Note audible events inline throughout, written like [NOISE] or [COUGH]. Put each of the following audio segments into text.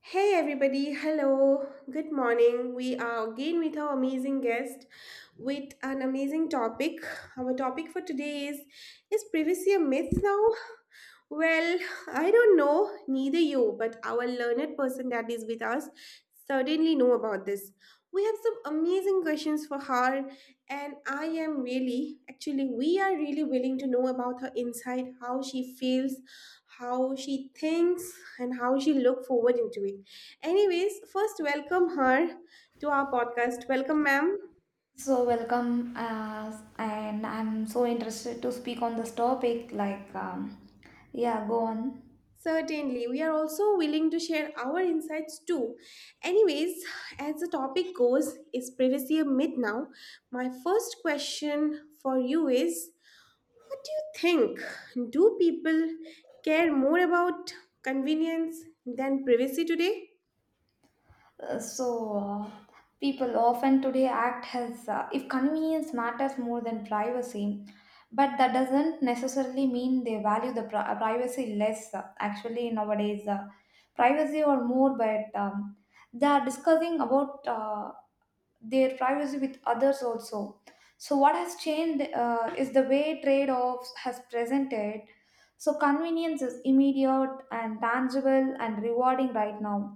Hey everybody, hello, good morning. We are again with our amazing guest with an amazing topic. Our topic for today is privacy a myth now? Well, I don't know, neither you, but our learned person that is with us certainly know about this. We have some amazing questions for her and I am really, actually, we are really willing to know about her inside, how she feels, how she thinks, and how she look forward into it. Anyways, first welcome her to our podcast. Welcome, ma'am. So welcome, and I'm so interested to speak on this topic. Like, yeah, go on. Certainly, we are also willing to share our insights too. Anyways, as the topic goes, is privacy a myth now? My first question for you is, what do you think? Do people care more about convenience than privacy today? So uh, People often today act as if convenience matters more than privacy, but that doesn't necessarily mean they value the privacy less. Actually nowadays, privacy or more, but they are discussing about their privacy with others also. So what has changed is the way trade-offs has presented. So convenience is immediate and tangible and rewarding right now,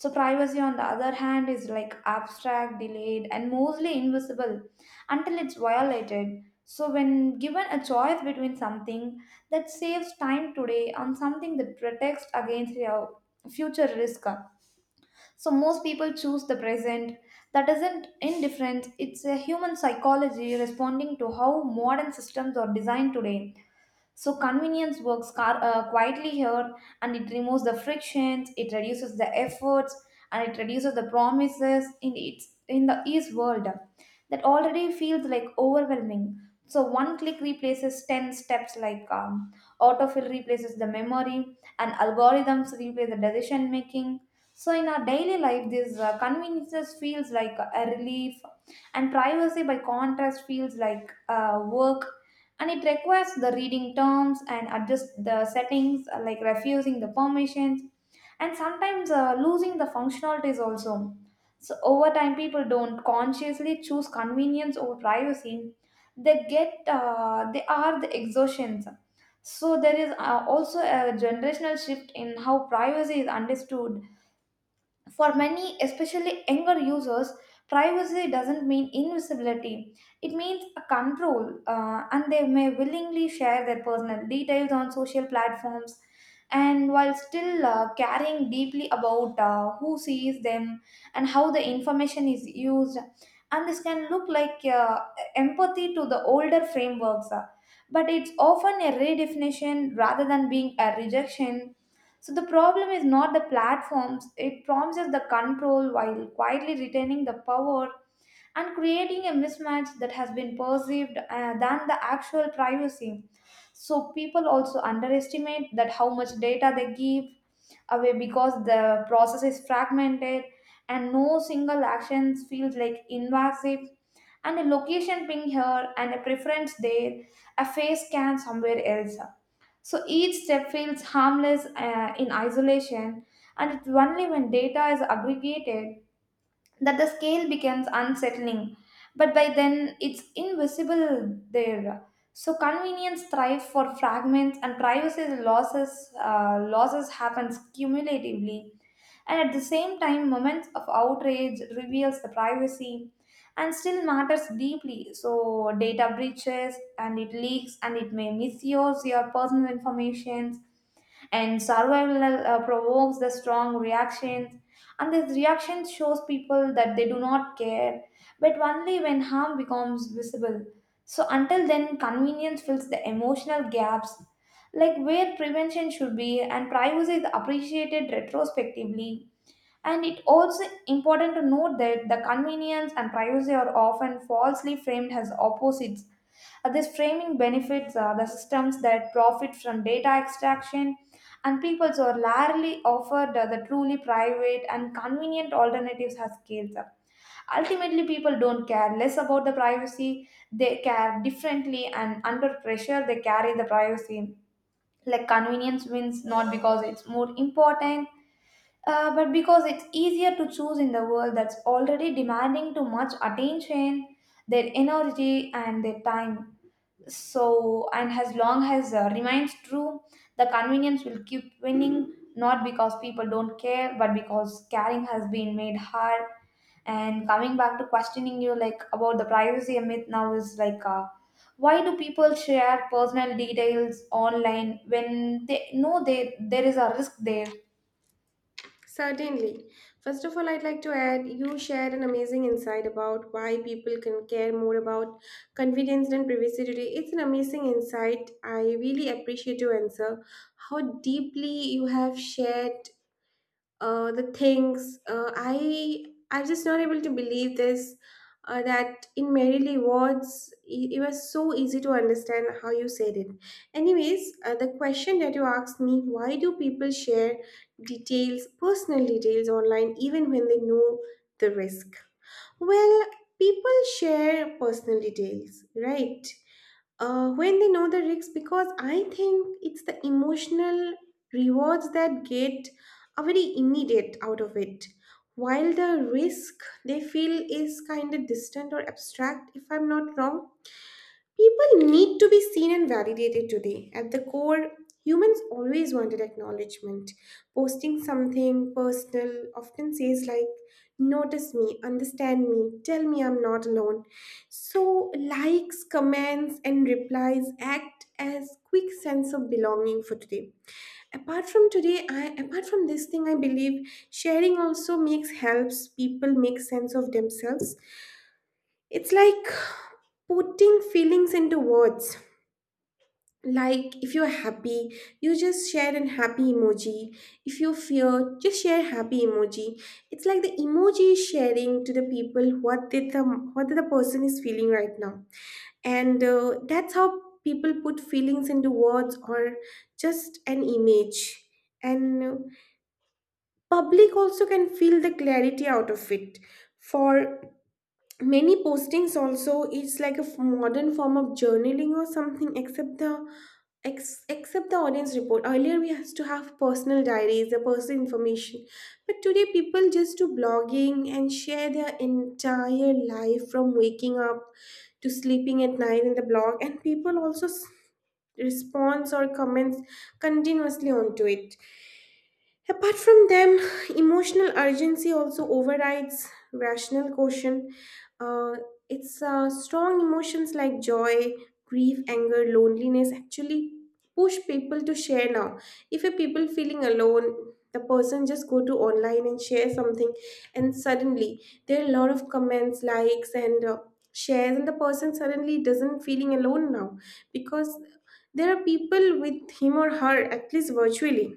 so privacy, on the other hand, is like abstract, delayed, and mostly invisible until it's violated. So, when given a choice between something that saves time today and something that protects against your future risk, so most people choose the present. That isn't indifference, it's a human psychology responding to how modern systems are designed today. So convenience works quietly here, and it removes the frictions, it reduces the efforts, and it reduces the promises in its in the east world that already feels like overwhelming. So one click replaces 10 steps, autofill replaces the memory, and algorithms replace the decision making. So in our daily life, these conveniences feels like a relief, and privacy by contrast feels like work, and it requires the reading terms and adjust the settings, like refusing the permissions and sometimes losing the functionalities also. So over time, people don't consciously choose convenience over privacy, they get the exhaustions. So there is also a generational shift in how privacy is understood. For many, especially younger users, privacy doesn't mean invisibility. It means a control, and they may willingly share their personal details on social platforms, and while still caring deeply about who sees them and how the information is used. And this can look like empathy to the older frameworks, but it's often a redefinition rather than being a rejection. So the problem is not the platforms, it promises the control while quietly retaining the power and creating a mismatch that has been perceived than the actual privacy. So people also underestimate that how much data they give away because the process is fragmented and no single action feels like invasive, and a location ping here and a preference there, a face scan somewhere else. So each step feels harmless in isolation, and it's only when data is aggregated that the scale becomes unsettling. But by then, it's invisible there. So convenience thrives for fragments, and privacy losses happens cumulatively, and at the same time moments of outrage reveals the privacy and still matters deeply. So data breaches and it leaks and it may misuse your personal information, and survival provokes the strong reactions, and this reaction shows people that they do not care but only when harm becomes visible. So until then, convenience fills the emotional gaps like where prevention should be, and privacy is appreciated retrospectively. And it also important to note that the convenience and privacy are often falsely framed as opposites. This framing benefits the systems that profit from data extraction, and people are rarely offered the truly private and convenient alternatives as scales up. Ultimately, people don't care less about the privacy, they care differently, and under pressure, they carry the privacy. Like convenience wins not because it's more important, but because it's easier to choose in the world that's already demanding too much attention, their energy, and their time. So, and as long as remains true, the convenience will keep winning, not because people don't care, but because caring has been made hard. And coming back to questioning you, like about the privacy myth now is like, why do people share personal details online when they know they, there is a risk there? Certainly. First of all, I'd like to add, you shared an amazing insight about why people can care more about convenience than privacy today. It's an amazing insight. I really appreciate your answer. How deeply you have shared the things I'm just not able to believe this that in merely words it was so easy to understand how you said it. Anyways, the question that you asked me, why do people share details, personal details online even when they know the risk? Well, people share personal details, right, when they know the risks, because I think it's the emotional rewards that get a very immediate out of it, while the risk they feel is kind of distant or abstract, if I'm not wrong. People need to be seen and validated today. At the core, humans always wanted acknowledgement. Posting something personal often says, like, notice me, understand me, tell me I'm not alone. So, likes, comments, and replies act as quick sense of belonging for today. Apart from today, I apart from this thing, I believe sharing also makes helps people make sense of themselves. It's like putting feelings into words. Like if you're happy, you just share an happy emoji. If you fear, just share happy emoji. It's like the emoji is sharing to the people what the person is feeling right now, and that's how people put feelings into words or just an image. And public also can feel the clarity out of it. For many, postings also it's like a modern form of journaling or something except the except the audience report. Earlier, we used to have personal diaries, the personal information. But today, people just do blogging and share their entire life from waking up to sleeping at night in the blog. And people also responds or comments continuously onto it. Apart from them, emotional urgency also overrides rational caution. Uh, it's Strong emotions like joy, grief, anger, loneliness actually push people to share now. If a people feeling alone, the person just go to online and share something and suddenly there are a lot of comments, likes, and shares, and the person suddenly doesn't feeling alone now, because there are people with him or her at least virtually.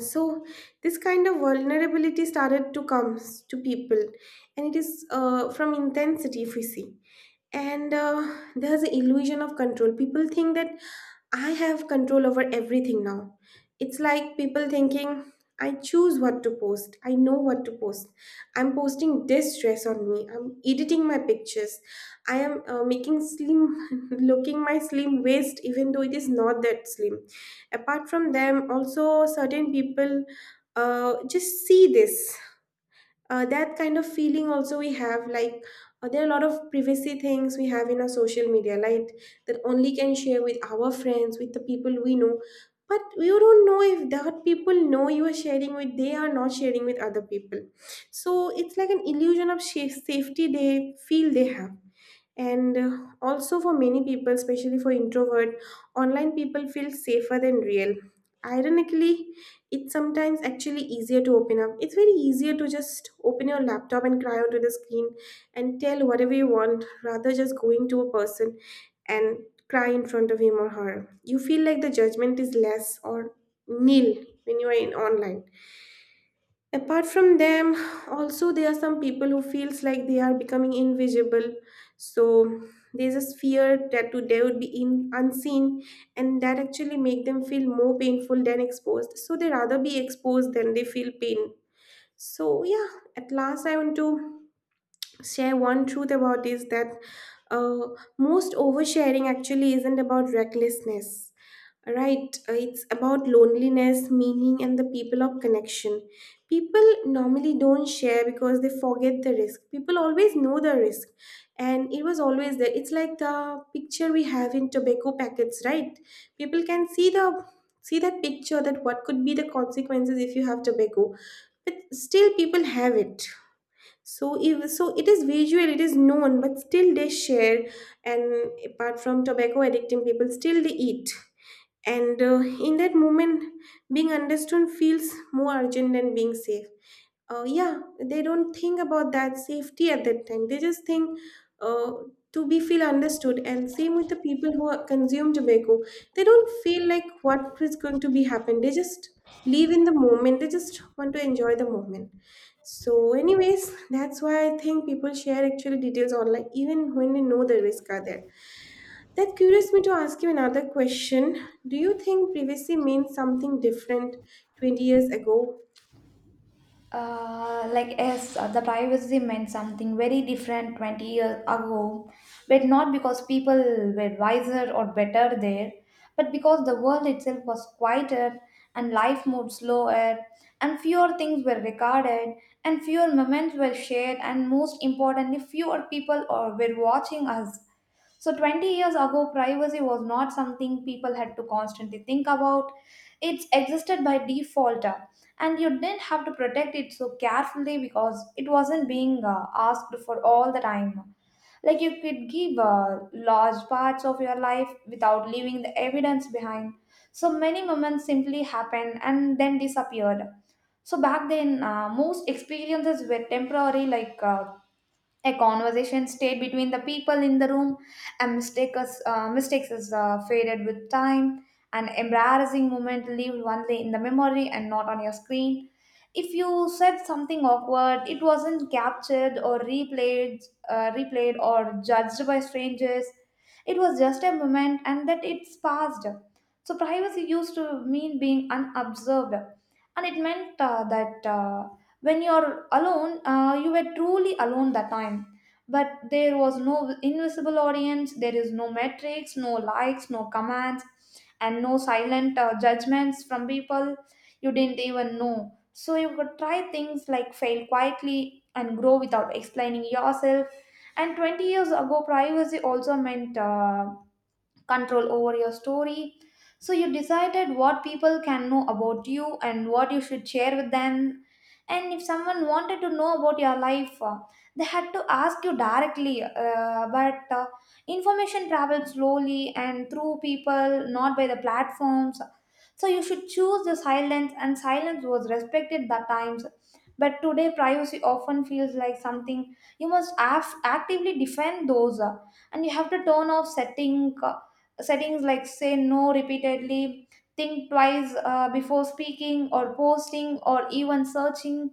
So this kind of vulnerability started to comes to people, and it is from intensity if we see. And there's an illusion of control. People think that I have control over everything now. It's like people thinking, I choose what to post, I know what to post, I'm posting this dress on me, I'm editing my pictures, I am making slim [LAUGHS] looking, my slim waist even though it is not that slim. Apart from them also, certain people just see this, that kind of feeling also we have, like there are a lot of privacy things we have in our social media, right, that only can share with our friends, with the people we know. But you don't know if that people know you are sharing with, they are not sharing with other people. So it's like an illusion of safety they feel they have. And also for many people, especially for introvert, online people feel safer than real, ironically. It's sometimes actually easier to open up. It's very easier to just open your laptop and cry onto the screen and tell whatever you want rather just going to a person and cry in front of him or her. You feel like the judgment is less or nil when you are in online. Apart from them, also there are some people who feels like they are becoming invisible. So there's this fear that they would be in, unseen, and that actually make them feel more painful than exposed, so they rather be exposed than they feel pain. So yeah, at last I want to share one truth about is that uh, most oversharing actually isn't about recklessness, right. It's about loneliness, meaning, and the people of connection. People normally don't share because they forget the risk. People always know the risk, and it was always there. It's like the picture we have in tobacco packets, right. People can see the see that picture, that what could be the consequences if you have tobacco, but still people have it. So, if, so it is visual, it is known, but still they share. And apart from tobacco addicting people, still they eat. And in that moment, being understood feels more urgent than being safe. Yeah, they don't think about that safety at that time. They just think uh, to be feel understood. And same with the people who consume tobacco. They don't feel like what is going to be happen. They just live in the moment. They just want to enjoy the moment. So, anyways, that's why I think people share actually details online even when they know the risk are there. That curious me to ask you another question. Do you think privacy means something different 20 years ago? Like yes, the privacy meant something very different 20 years ago, but not because people were wiser or better there, but because the world itself was quieter, and life moved slower, and fewer things were recorded, and fewer moments were shared, and most importantly, fewer people or were watching us. So 20 years ago, privacy was not something people had to constantly think about. It existed by default, and you didn't have to protect it so carefully because it wasn't being asked for all the time. Like you could give large parts of your life without leaving the evidence behind. So many moments simply happened and then disappeared. So back then, most experiences were temporary, like a conversation stayed between the people in the room, and mistakes is faded with time. An embarrassing moment lived only in the memory and not on your screen. If you said something awkward, it wasn't captured or replayed or judged by strangers. It was just a moment, and that it's passed. So privacy used to mean being unobserved, and it meant that when you're alone, you were truly alone that time. But there was no invisible audience, there is no metrics, no likes, no commands, and no silent judgments from people you didn't even know. So you could try things like fail quietly and grow without explaining yourself. And 20 years ago, privacy also meant control over your story. So you decided what people can know about you and what you should share with them. And if someone wanted to know about your life, they had to ask you directly. But information travels slowly and through people, not by the platforms. So you should choose the silence, and silence was respected that times. But today, privacy often feels like something you must actively defend those, and you have to turn off settings like say no repeatedly, think twice before speaking or posting or even searching.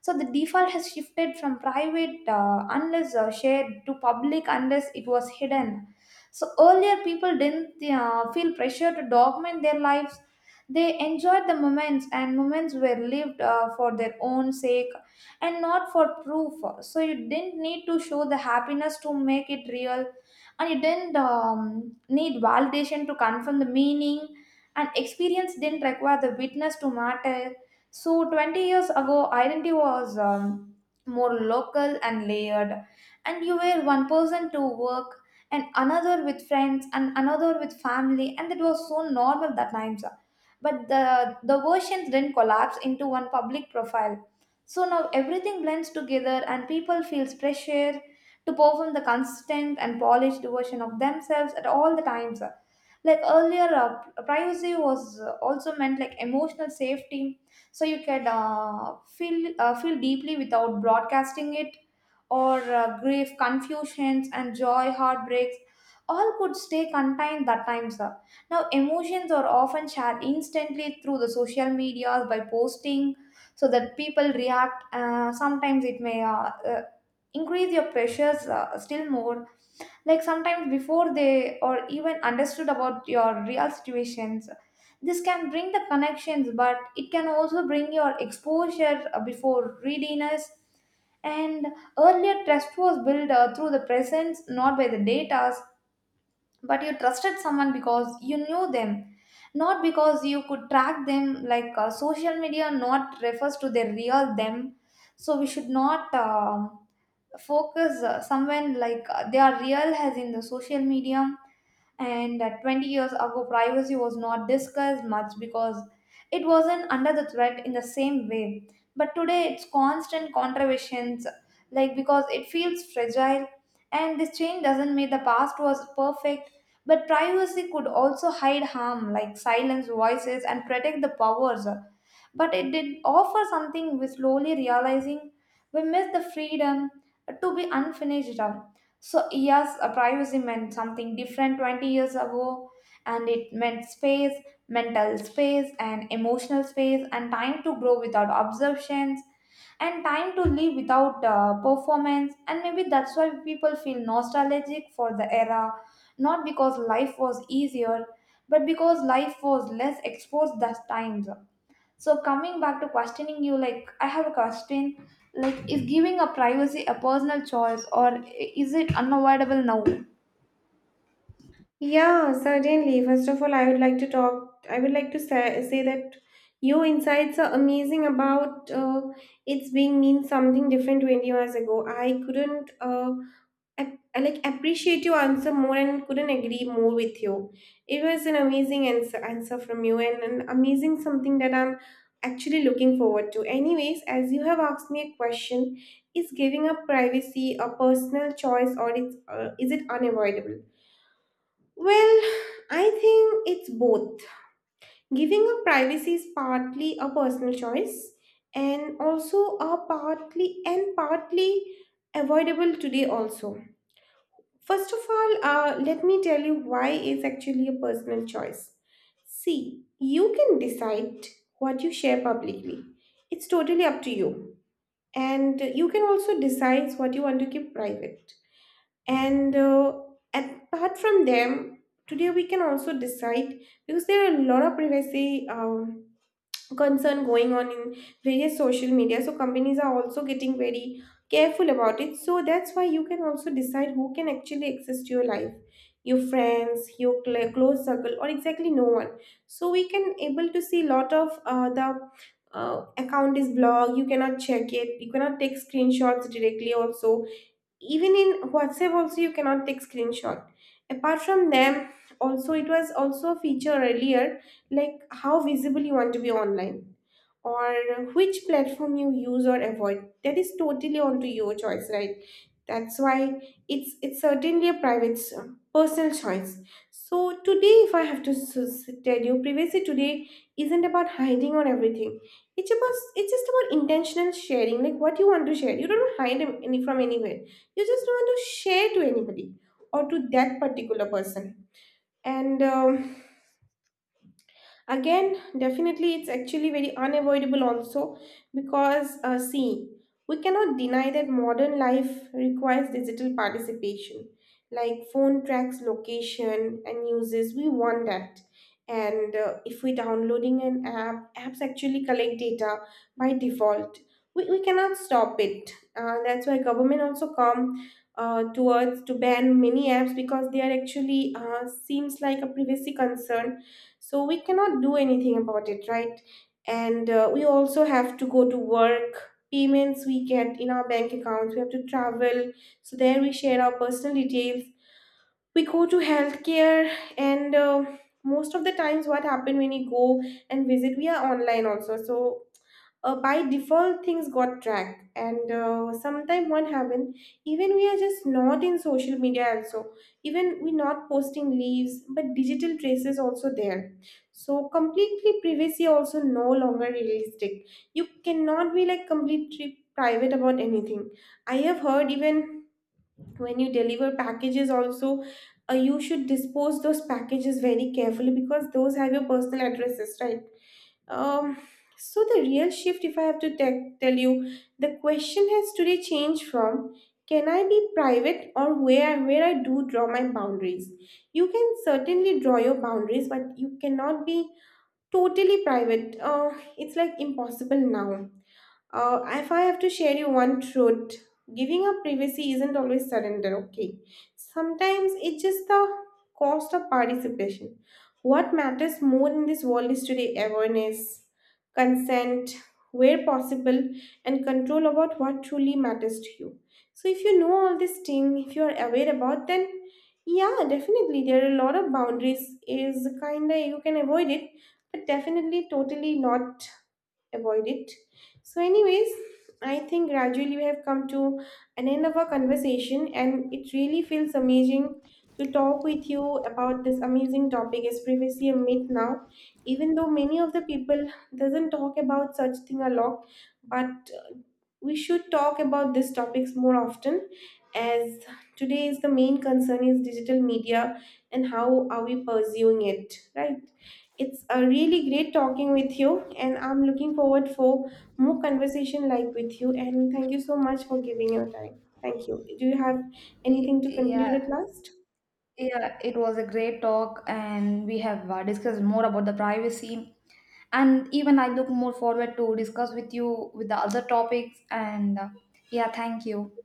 So the default has shifted from private unless shared to public unless it was hidden. So earlier people didn't feel pressure to document their lives. They enjoyed the moments, and moments were lived for their own sake and not for proof. So you didn't need to show the happiness to make it real, and it didn't need validation to confirm the meaning, and experience didn't require the witness to matter. So 20 years ago, identity was more local and layered, and you were one person to work and another with friends and another with family, and it was so normal that times. But the versions didn't collapse into one public profile. So now everything blends together, and people feels pressure to perform the constant and polished version of themselves at all the times. Like earlier, privacy was also meant like emotional safety, so you could feel deeply without broadcasting it, or grief, confusions, and joy, heartbreaks. All could stay contained that time, sir. Now, emotions are often shared instantly through the social medias by posting, so that people react. Sometimes it may uh, increase your pressures still more, like sometimes before they or even understood about your real situations. This can bring the connections, but it can also bring your exposure before readiness. And earlier trust was built through the presence, not by the data. But you trusted someone because you knew them, not because you could track them, like social media not refers to their real them. So we should not focus somewhere like they are real as in the social media. And 20 years ago, privacy was not discussed much because it wasn't under the threat in the same way, but today it's constant controversies, like because it feels fragile. And this change doesn't mean the past was perfect, but privacy could also hide harm like silence voices and protect the powers. But it did offer something we slowly realizing. We miss the freedom to be unfinished up. So, yes, a privacy meant something different 20 years ago, and it meant space, mental space, and emotional space, and time to grow without observations, and time to live without performance. And maybe that's why people feel nostalgic for the era, not because life was easier, but because life was less exposed that time. So coming back to questioning you, like I have a question, like is giving a privacy a personal choice or is it unavoidable now? Yeah, certainly. First of all, I would like to talk. I would like to say that your insights are amazing about it's being means something different 20 years ago. I couldn't I, like, appreciate your answer more and couldn't agree more with you. It was an amazing answer from you and an amazing something that I'm actually looking forward to. Anyways, as you have asked me a question, is giving up privacy a personal choice, or it's, is it unavoidable? Well, I think it's both. Giving up privacy is partly a personal choice and also a partly avoidable today also. First of all, let me tell you why it's actually a personal choice. See, you can decide what you share publicly. It's totally up to you. And you can also decide what you want to keep private, and apart from them, today we can also decide, because there are a lot of privacy concern going on in various social media, so companies are also getting very careful about it. So that's why you can also decide who can actually access to your life, your friends, your close circle, or exactly no one. So we can able to see lot of the account is blocked, you cannot check it, you cannot take screenshots directly also. Even in WhatsApp also, you cannot take screenshot. Apart from them, also it was also a feature earlier, like how visible you want to be online, or which platform you use or avoid, that is totally onto your choice, right. That's why it's certainly a private personal choice. So today, if I have to tell you, privacy today isn't about hiding or everything. It's about, it's just about intentional sharing. Like what you want to share, you don't hide any from anywhere, you just don't want to share to anybody or to that particular person. And again, definitely it's actually very unavoidable also, because see, we cannot deny that modern life requires digital participation. Like phone tracks location and uses, we want that. And if we're downloading an app, apps actually collect data by default. We cannot stop it. Uh, that's why government also come towards to ban many apps, because they are actually seems like a privacy concern. So we cannot do anything about it, right. And we also have to go to work, payments we get in our bank accounts, we have to travel, so there we share our personal details. We go to healthcare, and most of the times what happen, when we go and visit we are online also. So by default things got tracked. And sometime what happen, even we are just not in social media also, even we not posting leaves, but digital traces also there. So completely privacy also no longer realistic. You cannot be like completely private about anything. I have heard, even when you deliver packages also, you should dispose those packages very carefully because those have your personal addresses, right. Um, so the real shift, if I have to tell you, the question has today changed from, can I be private, or where I do draw my boundaries? You can certainly draw your boundaries, but you cannot be totally private. Uh, it's like impossible now. Uh, if I have to share you one truth, giving up privacy isn't always surrender, okay? Sometimes it's just the cost of participation. What matters more in this world is today awareness, consent, where possible, and control about what truly matters to you. So if you know all this thing, if you are aware about, then yeah, definitely there are a lot of boundaries is kinda you can avoid it, but definitely totally not avoid it. So, anyways, I think gradually we have come to an end of our conversation, and it really feels amazing to talk with you about this amazing topic, is privacy a myth now. Even though many of the people doesn't talk about such thing a lot, but we should talk about these topics more often, as today is the main concern is digital media and how are we pursuing it, right. It's a really great talking with you and I'm looking forward for more conversation like with you, and thank you so much for giving your time. Thank you. Do you have anything to conclude Yeah, at last? yeah, it was a great talk, and we have discussed more about the privacy. And even I look more forward to discuss with you with the other topics. And yeah, thank you.